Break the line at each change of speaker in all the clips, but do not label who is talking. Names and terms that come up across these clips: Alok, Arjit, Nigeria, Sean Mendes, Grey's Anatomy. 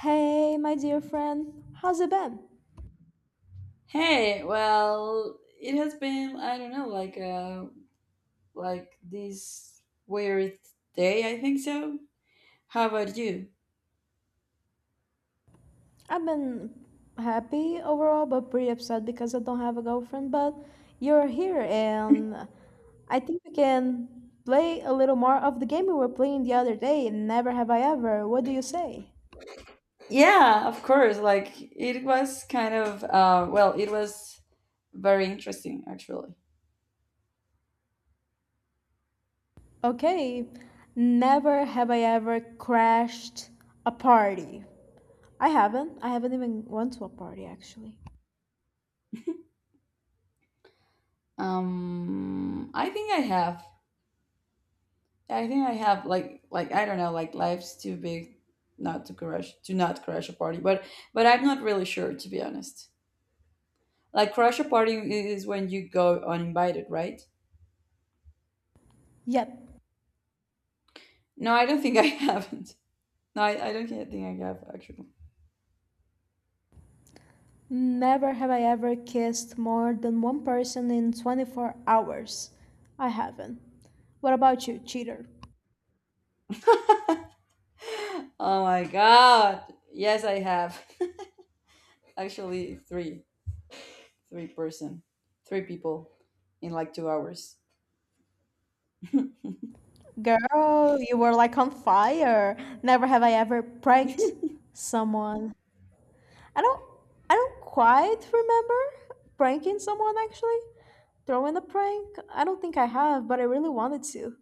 Hey, my dear friend, how's it been?
Hey, well, it has been, I don't know, like this weird day, I think so. How about you?
I've been happy overall, but pretty upset because I don't have a girlfriend. But you're here, and I think we can play a little more of the game we were playing the other day. Never have I ever. What do you say?
Yeah, of course. Like it was kind of well, it was very interesting actually.
Okay, never have I ever crashed a party. I haven't. I haven't even went to a party actually.
I think I have. I think I have like I don't know, like life's too big not to crash to not crash a party, but I'm not really sure to be honest. Like crash a party is when you go uninvited, right?
Yep.
No, I don't think I haven't. No, I don't think I have actually.
Never have I ever kissed more than one person in 24 hours. I haven't. What about you, cheater?
Oh my god. Yes, I have. actually, three, three person, three people in like 2 hours.
Girl, you were like on fire. Never have I ever pranked someone. I don't I don't quite remember pranking someone actually. Throwing a prank? I don't think I have, but I really wanted to.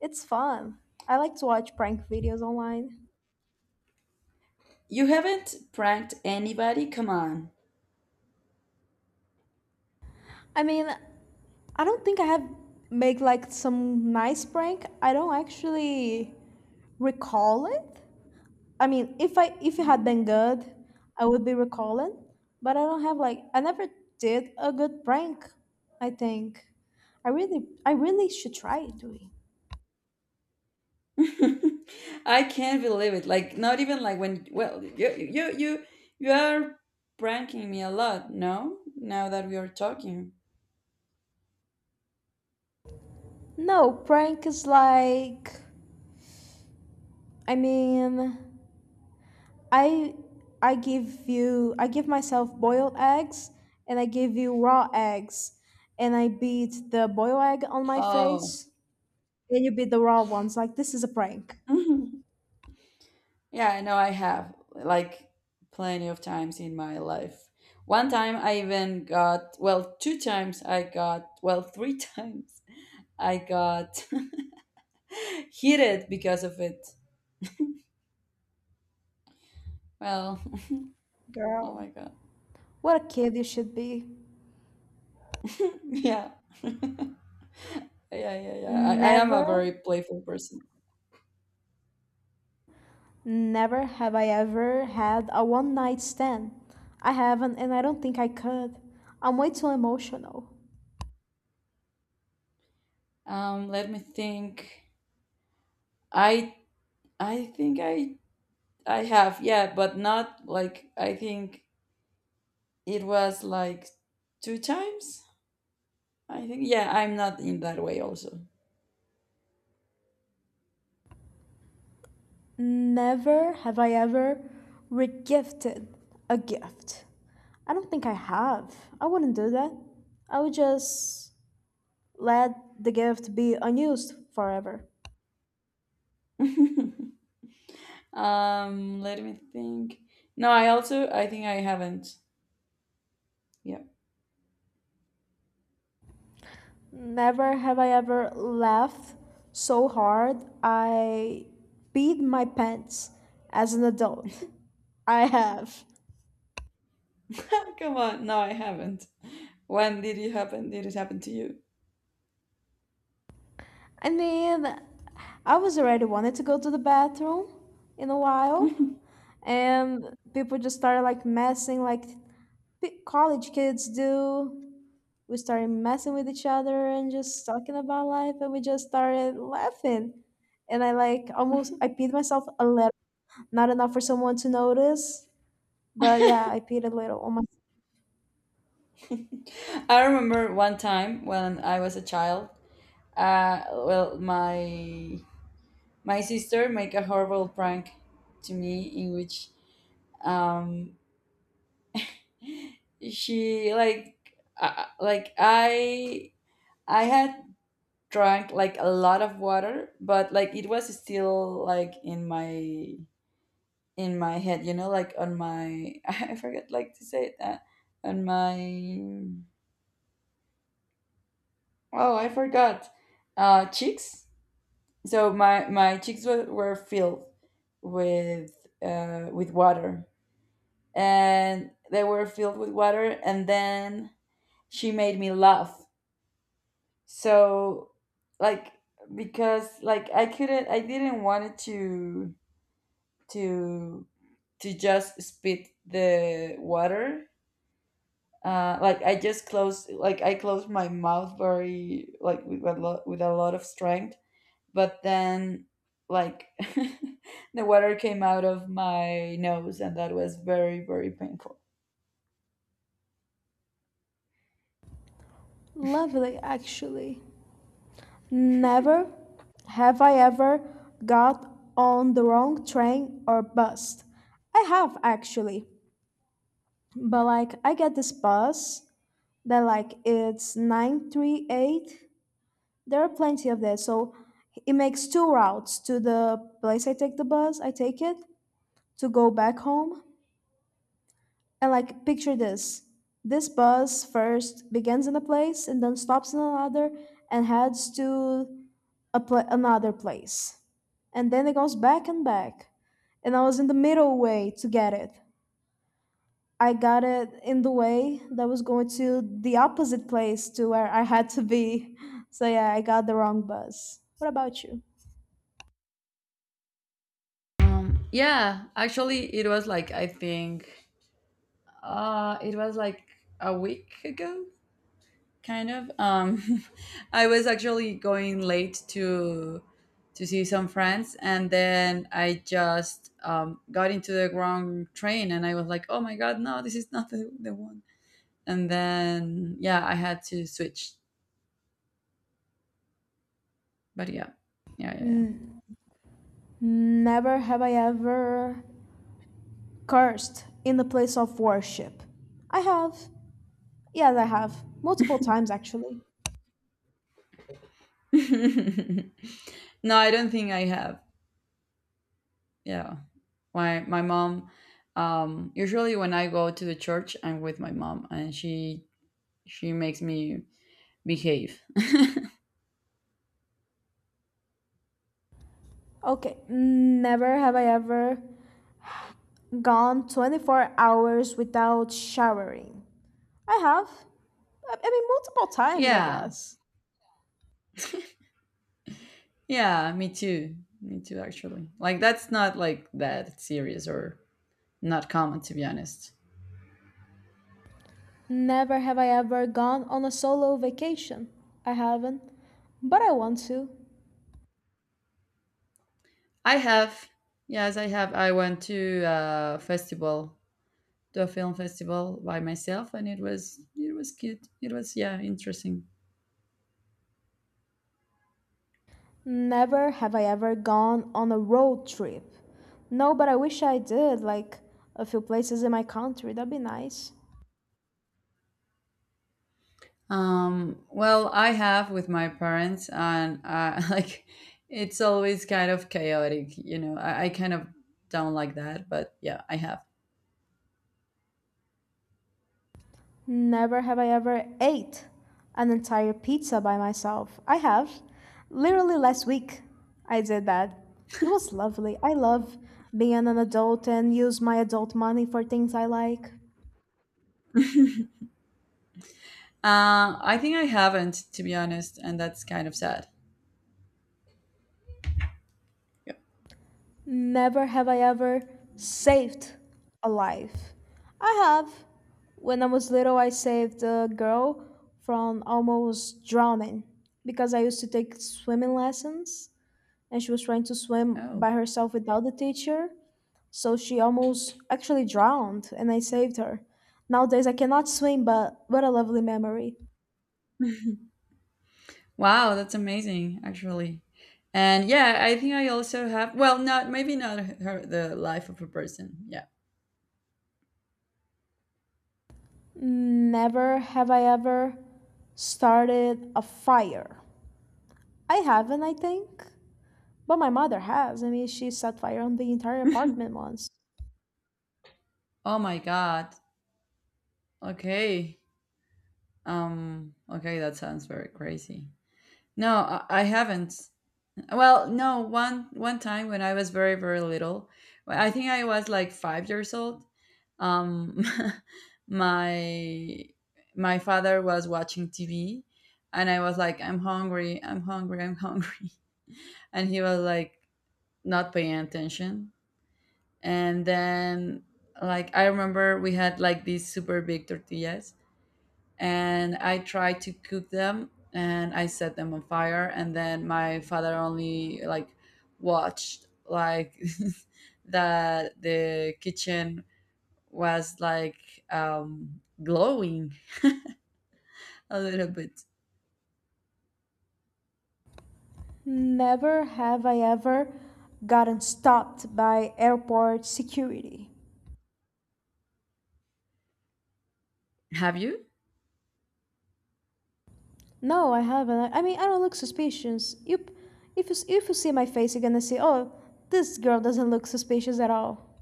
It's fun. I like to watch prank videos online.
You haven't pranked anybody? Come on.
I mean, I don't think I have made like some nice prank. I don't actually recall it. I mean, if it had
Mhm.
been good, I would be recalling. But I don't have like I never did a good prank. I think I really should try doing.
I can't believe it. Like not even like when well you are pranking me a lot, no? Now that we are talking.
No, prank is like I mean, I I give myself boiled eggs and I give you raw eggs and I beat the boiled egg on my
Oh.
face and you be the raw ones, like, this is a prank.
Yeah, I know I have like plenty of times in my life. One time I even got, well, two times I got, well, three times I got heated because of it. Well, oh
Girl,
my God.
what a kid you should be.
Yeah, yeah, yeah, yeah. I am a
never
very playful person.
never have I ever had a one night stand. I haven't, and I don't think I could. I'm way too emotional.
Let me think. I I think I have, yeah, but not like I think it was like two times. I think yeah, I'm not in that way also.
Never have I ever regifted a gift. I don't think I have. I wouldn't do that. I would just let the gift be unused forever.
Let me think. No, I also I think I haven't. Yeah.
Never have I ever laughed so hard I peed my pants as an adult. I have.
Come on. No, I haven't. When did it happen? Did it happen to you?
I mean, I was already wanted to go to the bathroom in a while, and people just started like messing, like college kids do. We started messing with each other and just talking about life, and we just started laughing. And I like almost I peed myself a little, not enough for someone to notice. But yeah, I peed a little on my
I remember one time when I was a child. Well, my sister made a horrible prank to me in which um she like I had drank like a lot of water but like it was still like in my head like on my I forget like to say it on my oh I forgot cheeks so my cheeks were filled with water and they were filled with water and then she made me laugh so like because like I didn't want it to to just spit the water. Like like I closed my mouth very like with a lot of strength, but then like the water came out of my nose, and that was very very painful.
lovely actually. Never have I ever got on the wrong train or bus. I have actually. But like I get this bus that like it's 938. There are plenty of that. So it makes two routes to the place I take the bus, I take it to go back home. And like picture this. This bus first begins in a place and then stops in another and heads to a another place. And then it goes back and back. And I was in the middle way to get it. I got it in the way that was going to the opposite place to where I had to be. So yeah, I got the wrong bus. What about you?
Yeah, actually, it was like I think it was like a week ago kind of I was actually going late to see some friends and then I just got into the wrong train and I was like oh my god no this is not the one. And then yeah I had to switch, but yeah, yeah, yeah, yeah.
N- Never have I ever cursed in the place of worship. I have. Yes, I have. Multiple times, actually.
No, I don't think I have. Yeah, my mom usually when I go to the church I'm with my mom and she makes me behave.
Okay, never have I ever gone 24 hours without showering. I have. I mean, multiple times, I
Yeah.
guess.
Yeah, me too. Me too actually. Like that's not like that serious or not common to be honest.
Never have I ever gone on a solo vacation. I haven't. But I want to.
I have, yes, I have. I went to a festival, to a film festival by myself and it was cute. It was, yeah, interesting.
Never have I ever gone on a road trip. No, but I wish I did, like a few places in my country. That'd be nice.
Well, I have with my parents and like it's always kind of chaotic. I kind of don't like that, but yeah, I have.
Never have I ever ate an entire pizza by myself. I have. Literally last week, I did that. It was lovely. I love being an adult and use my adult money for things I like.
I think I haven't, to be honest, and that's kind of sad.
Never have I ever saved a life. I have. When I was little, I saved a girl from almost drowning because I used to take swimming lessons and she was trying to swim
Oh,
by herself without the teacher. So she almost actually drowned and I saved her. Nowadays I cannot swim, but what a lovely memory.
wow, that's amazing, actually. And yeah, I think I also have. Well, not, maybe not her, the life of a person. Yeah.
Never have I ever started a fire. I haven't, I think. But my mother has. I mean, she set fire on the entire apartment once.
Oh my god. Okay. Okay, that sounds very crazy. No, I haven't. Well, no, one time when I was very, very little, well, I think I was like 5 years old. Um, my my father was watching TV, and I was like, "I'm hungry, I'm hungry, I'm hungry," and he was like not paying attention. And then, like, I remember we had like these super big tortillas, and I tried to cook them and I set them on fire and then my father only like watched like that the kitchen was like glowing a little bit.
Never have I ever gotten stopped by airport security.
Have you?
No, I haven't. I mean, I don't look suspicious. You, if you see my face, you're gonna see, oh, this girl doesn't look suspicious at all.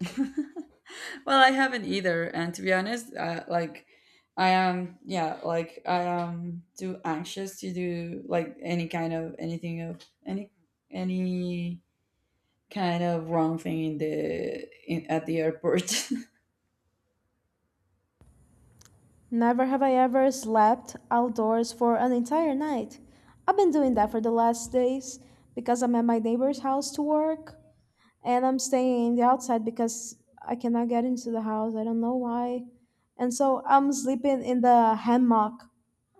Well, I haven't either, and to be honest, like I am, yeah, like I am too anxious to do like any kind of anything of any kind of wrong thing at the airport.
Never have I ever slept outdoors for an entire night. I've been doing that for the last days because I'm at my neighbor's house to work and I'm staying in the outside because I cannot get into the house. I don't know why. And so I'm sleeping in the hammock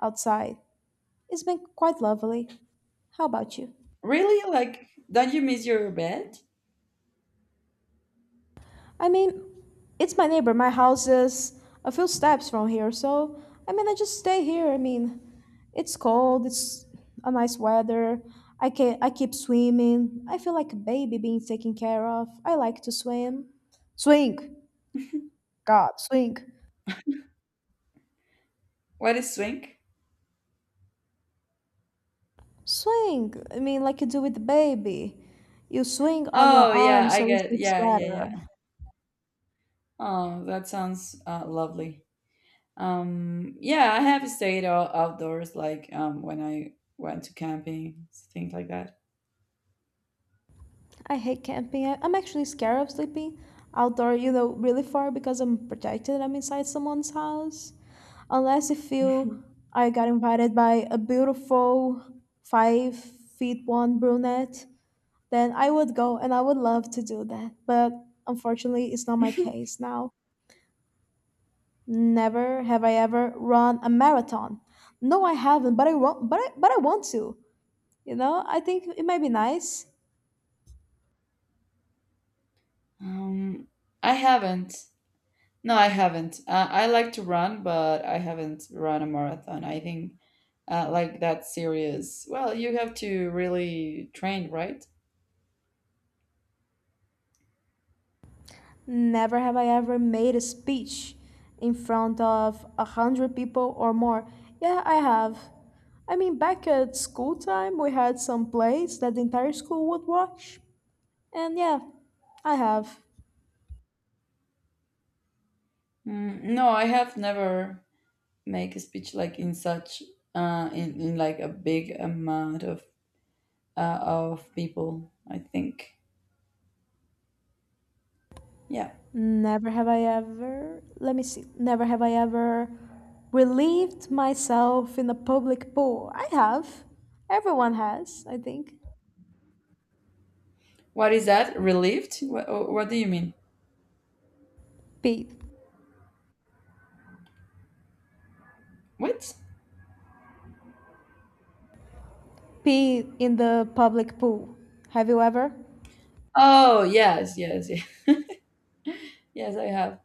outside. It's been quite lovely. How about you?
Really? Like, don't you miss your bed?
I mean, it's my neighbor. My house is a few steps from here, so I mean, I just stay here. I mean, it's cold. It's a nice weather. I can I keep swimming. I feel like a baby being taken care of. I like to swim. Swing. God, swing.
What is swing?
Swing. I mean, like you do with the baby. You swing on your
Oh
arm
yeah, I
so it
get.
sleeps
Yeah, yeah,
better.
yeah. Oh, that sounds lovely. Yeah, I have stayed outdoors, like when I went to camping, things like that.
I hate camping. I'm actually scared of sleeping outdoor, you know, really far because I'm protected. I'm inside someone's house. Unless if you, I got invited by a beautiful 5'1" brunette, then I would go and I would love to do that. But unfortunately, it's not my case now. Never have I ever run a marathon. No, I haven't, but I want, but I want to. You know, I think it might be nice.
um, I haven't. No, I haven't. I like to run, but I haven't run a marathon. I think like that serious. Well, you have to really train, right?
Never have I ever made a speech in front of 100 people or more. Yeah, I have. I mean, back at school time, we had some plays that the entire school would watch. And yeah, I have.
No, I have never make a speech like in such in like a big amount of people. I think, yeah.
Never have I ever, let me see, never have I ever relieved myself in a public pool. I have. Everyone has, I think.
What is that? Relieved? What do you mean?
Pete.
What?
Pete in the public pool. Have you ever?
Oh, yes, yes, yes, yes I have.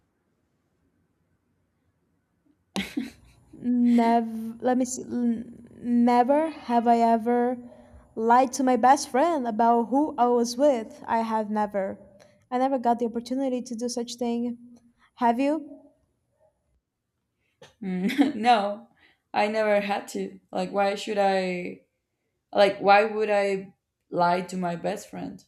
Never, let me see. Never have I ever lied to my best friend about who I was with. I have never. I never got the opportunity to do such thing. Have you?
No, I never had to. Like, why should I? Like, why would I lie to my best friend?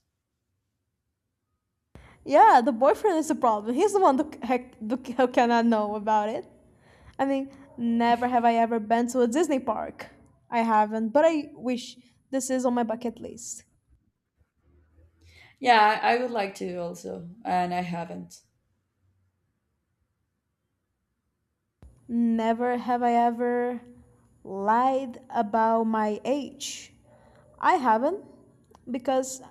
Yeah, the boyfriend is the problem. He's the one that that who cannot know about it. I mean, never have I ever been to a Disney park. I haven't, but I wish this is on my bucket list.
Yeah, I would like to also, and I haven't.
Never have I ever lied about my age. I haven't because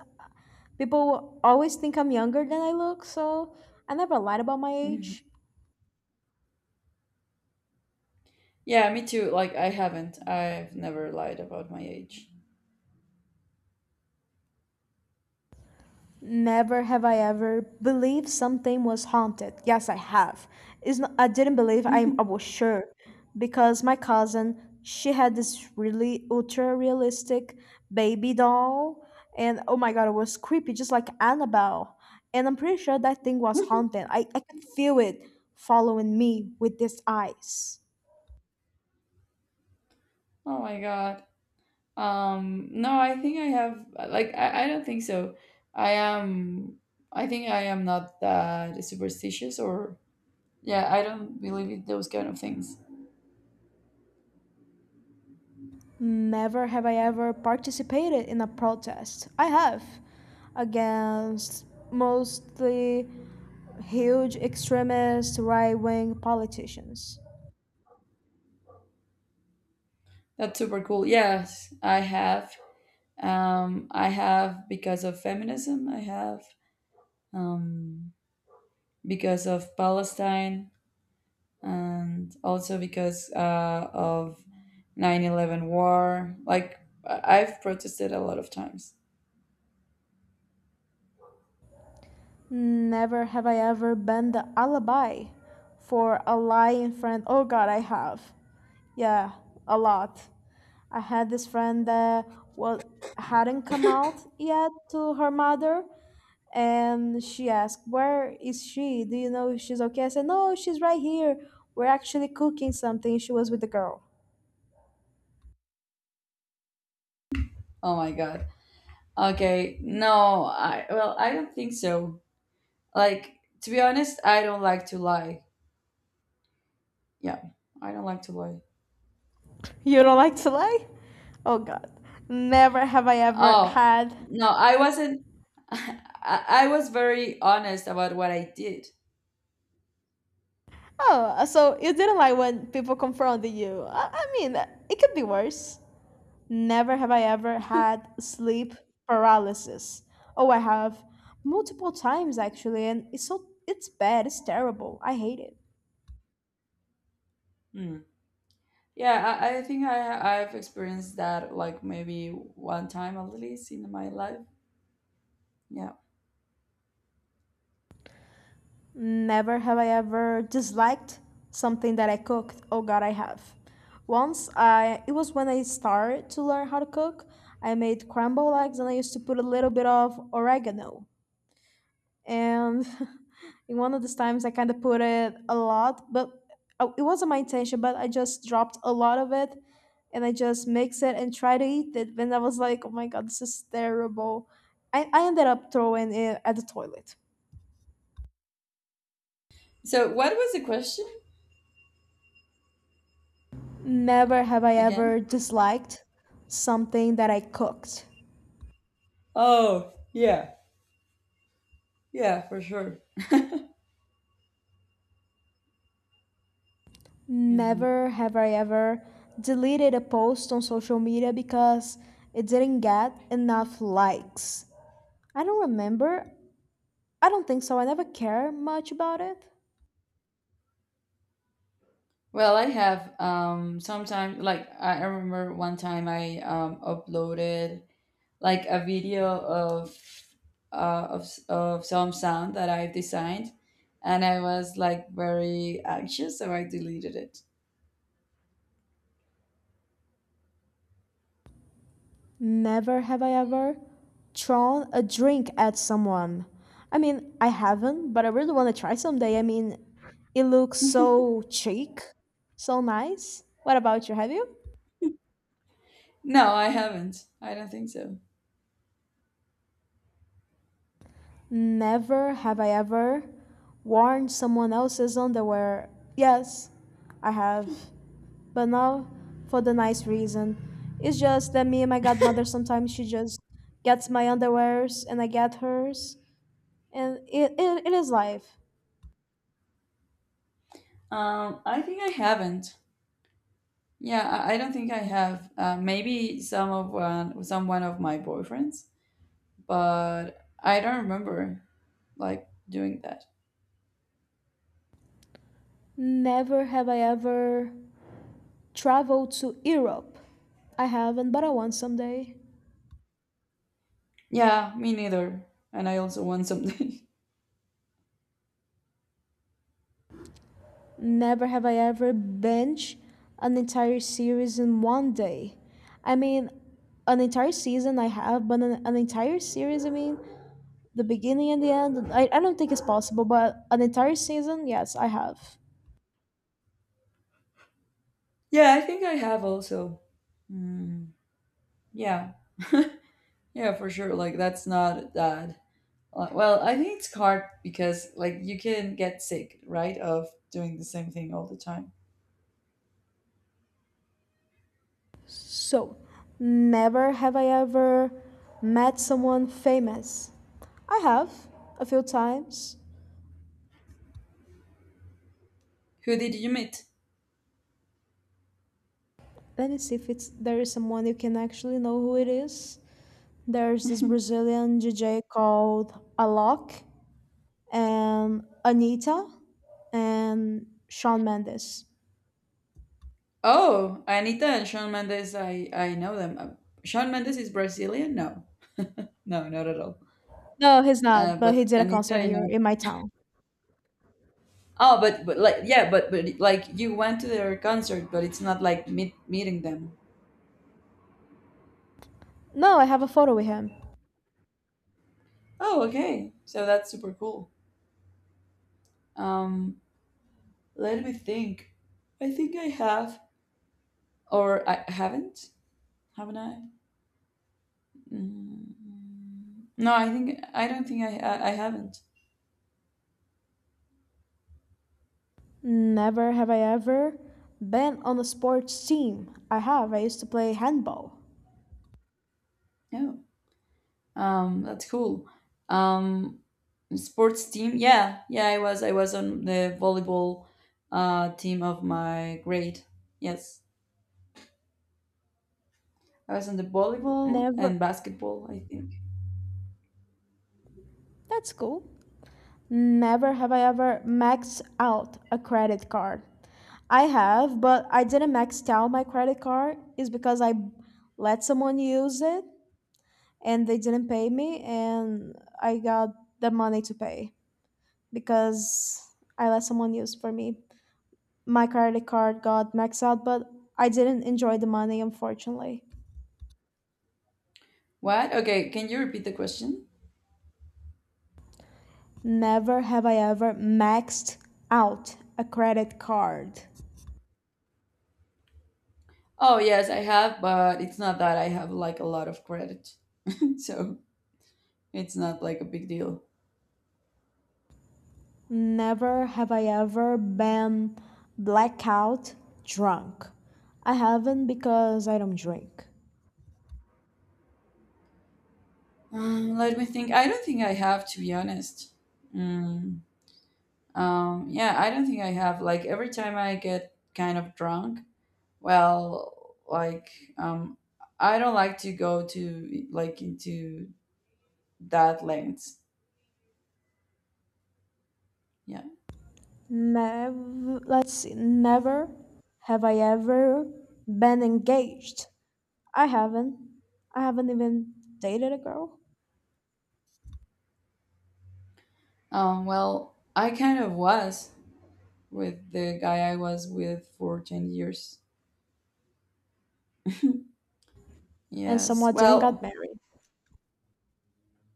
people always think I'm younger than I look, so I never lied about my
Mhm.
age.
Yeah, me too. Like, I haven't. I've never lied about my age.
Never have I ever believed something was haunted. Yes, I have. It's not, I didn't believe.
Oh
I was sure because my cousin, she had this really ultra realistic baby doll and oh my god, it was creepy just like Annabelle. And I'm pretty sure that thing was haunted. I could feel it following me with these eyes.
my god. No, I think I have like I don't think so. I am not that superstitious or yeah, I don't believe in those kind of things.
Never have I ever participated in a protest. I have against mostly huge extremist right wing politicians.
That's super cool. Yes, I have. I have because of feminism, I have um because of Palestine and also because of 9/11 war. Like I've protested a lot of times.
Never have I ever been the alibi for a lying friend. Oh god, I have. Yeah, a lot. I had this friend that was, hadn't come out yet to her mother, and she asked, "Where is she? Do you know if she's okay?" I said, "No, she's right here. We're actually cooking something." She was with the girl.
Oh my god. Okay, no, I, well, I don't think so. Like to be honest, I don't like to lie. Yeah, I don't like to lie.
You don't like to lie? Oh God, never have I ever
Oh,
had.
no, I wasn't I was very honest about what I did.
Oh, so you didn't like when people confronted you. I mean, it could be worse. Never have I ever had sleep paralysis. Oh, I have multiple times actually, and it's so it's bad. It's terrible. I hate it.
Hmm. Yeah, I think I've experienced that like maybe one time at least in my life. Yeah.
Never have I ever disliked something that I cooked. Oh god, I have. Once I it was when I started to learn how to cook. I made crumble eggs and I used to put a little bit of oregano. And in one of these times I kind of put it a lot, but oh, it wasn't my intention, but I just dropped a lot of it and I just mix it and try to eat it. And I was like, oh my god, this is terrible. I ended up throwing it at the toilet.
So what was the question
Never have I
again?
ever disliked something that I cooked.
Oh, yeah. Yeah, for sure. Mhm.
Never have I ever deleted a post on social media because it didn't get enough likes. I don't remember. I don't think so. I never care much about it.
Well, I have sometimes like I remember one time I uploaded like a video of some sound that I've designed, and I was like very anxious, so I deleted it.
Never have I ever thrown a drink at someone. I mean, I haven't, but I really want to try someday. I mean, it looks so chic, so nice. What about you? Have you?
No, I haven't. I don't think so.
Never have I ever worn someone else's underwear. Yes, I have. But now, for the nice reason. It's just that me and my godmother sometimes she just gets my underwears and I get hers. And it is life.
I think I haven't. Yeah, I don't think I have. Maybe some one of my boyfriends, but I don't remember like doing that.
Never have I ever traveled to Europe. I haven't, but I want someday.
Yeah, me neither. And I also want something.
Never have I ever binge an entire series in one day. I mean, an entire season I have, but an entire series, the beginning and the end, I don't think it's possible, but an entire season, yes, I have.
Yeah, I think I have also. Mm, yeah, yeah, for sure. Like that's not that. Well, I think it's hard because like you can get sick, right, of doing the same thing all the time.
So, Never have I ever met someone famous. I have a few times.
Who did you meet?
Let me see if it's there is someone you can actually know who it is. There's this Brazilian DJ called Alok, Anita, and Sean Mendes.
Oh, Anita and Sean Mendes. I know them. Sean Mendes is Brazilian. No, no, not at all.
No, he's
Uh,
not, but he
but
did a
Anita,
concert
I
here
know.
in my town.
Oh, but like yeah, but like you went to their concert, but it's not like meeting them.
No, I have a photo with him.
Oh, okay. So that's super cool. Um, let me think. I think I have, or I haven't. Haven't I? Mm, no, I think I don't think I haven't.
Never have I ever been on a sports team. I have. I used to play handball.
No. That's cool. Um, sports team. Yeah, yeah. I was on the volleyball team of my grade. Yes. I was on the volleyball
Never.
and basketball, I think.
That's cool. Never have I ever maxed out a credit card. I have, but I didn't max out my credit card is because I let someone use it and they didn't pay me, and I got the money to pay because I let someone use for me, my credit card got maxed out, but I didn't enjoy the money, unfortunately.
What? Okay, can you repeat the question?
Never have I ever maxed out a credit card.
Oh, yes, I have, but it's not that I have like a lot of credit. So it's not like a big deal.
Never have I ever been blackout drunk. I haven't because I don't drink.
Let me think. I don't think I have, to be honest. Mm, yeah, I don't think I have. Like every time I get kind of drunk, well, like um, I don't like to go to like into that lengths. Yeah.
Never, let's see, never have I ever been engaged. I haven't. I haven't even dated a girl.
Well, I kind of was with the guy I was with for 10 years.
And
Yes.
somewhat didn't got
Well,
married.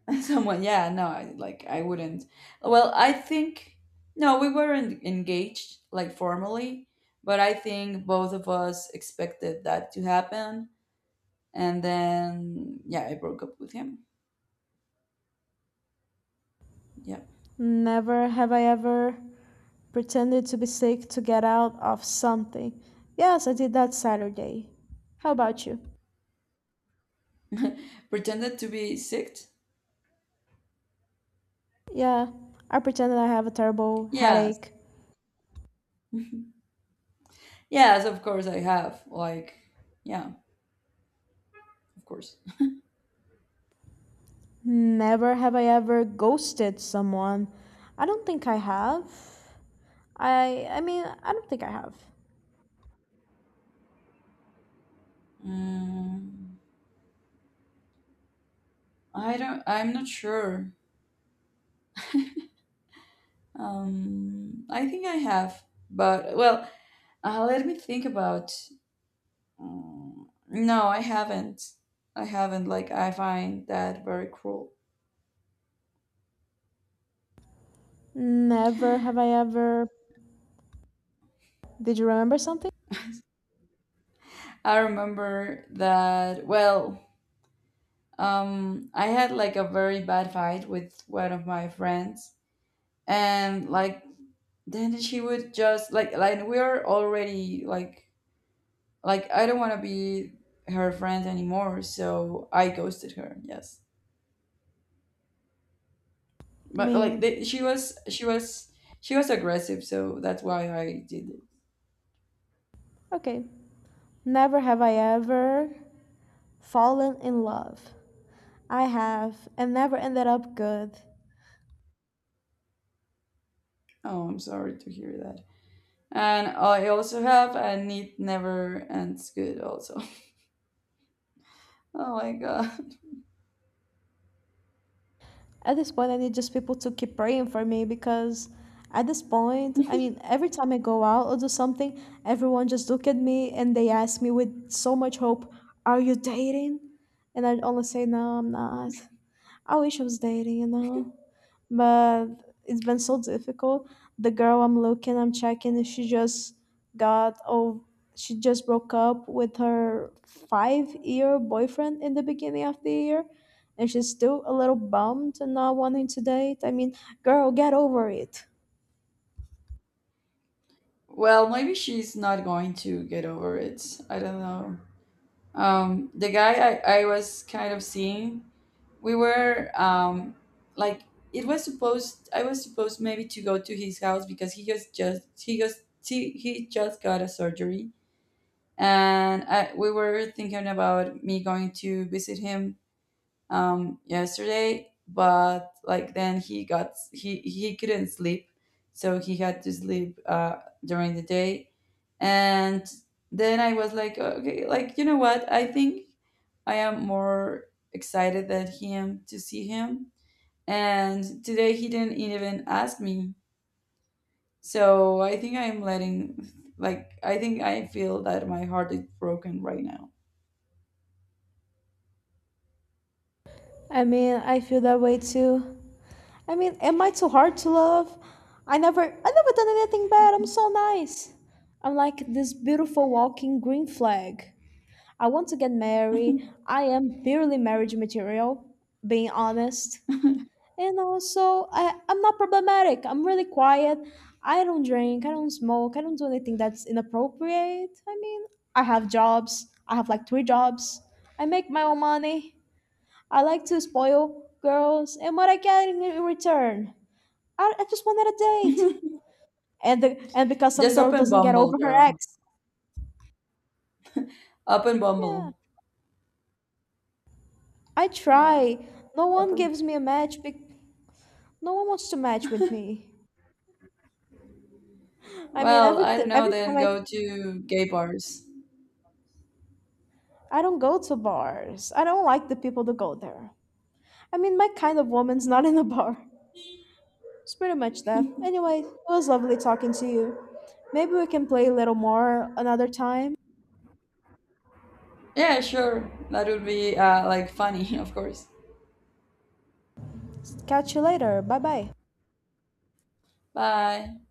someone, yeah, no, like I wouldn't. Well, I think, no, we weren't engaged like formally, but I think both of us expected that to happen. And then, yeah, I broke up with him. Yeah.
Never have I ever pretended to be sick to get out of something. Yes, I did that Saturday. How about you?
Pretended to be sick.
Yeah, I pretended I have a terrible
Yes.
headache.
Yes, of course I have. Like, yeah, of course.
Never have I ever ghosted someone. I don't think I have. I mean, I don't think I have.
Mm, I don't, I'm not sure. I think I have, but well, let me think about. No, I haven't. I haven't. Like, I find that very cruel.
Never have I ever did you remember something?
I remember that. Well, I had like a very bad fight with one of my friends, and like then she would just like we are already like I don't want to be her friend anymore, so I ghosted her. Yes,
I
but like
mean,
she was she was aggressive, so that's why I did it.
okay. Never have I ever fallen in love. I have, and never ended up good.
Oh, I'm sorry to hear that. And I also have, and it never ends good also. oh my god.
At this point, I need just people to keep praying for me because at this point, I mean, every time I go out or do something, everyone just look at me and they ask me with so much hope, "Are you dating?" And I only say, "No, I'm not." I wish I was dating, you know, but it's been so difficult. The girl I'm looking, I'm checking, if she just got, oh, she just broke up with her five-year boyfriend in the beginning of the year, and she's still a little bummed and not wanting to date. I mean, girl, get over it.
Well, maybe she's not going to get over it, I don't know. The guy I was kind of seeing, we were like it was supposed I was supposed maybe to go to his house because he just he just got a surgery, and we were thinking about me going to visit him yesterday, but like then he couldn't sleep so he had to sleep during the day. And then I was like okay, like you know what, I think I am more excited than him to see him, and today he didn't even ask me, so I think I'm letting, like I think I feel that my heart is broken right now.
I mean, I feel that way too. I mean, am I too hard to love? I never done anything bad. I'm so nice. I'm like this beautiful walking green flag. I want to get married. I am purely marriage material, being honest. And also, I'm not problematic. I'm really quiet. I don't drink. I don't smoke. I don't do anything that's inappropriate. I mean, I have jobs. I have like 3 jobs. I make my own money. I like to spoil girls. And what I get in return, I just wanted a date. And because some
Just
girl
open
doesn't get
Bumble,
over her
girl.
ex,
Open
yeah,
Bumble.
I
Yeah.
try. No one
Open.
gives me a match. Be- No one wants to match with me. I mean,
Well, I don't know.
every
Then
time
go to gay bars.
I don't go to bars. I don't like the people that go there. I mean, my kind of woman's not in a bar. It's pretty much that. Anyway, it was lovely talking to you. Maybe we can play a little more another time.
Yeah, sure. That would be like funny, of course.
Catch you later. Bye bye.
Bye.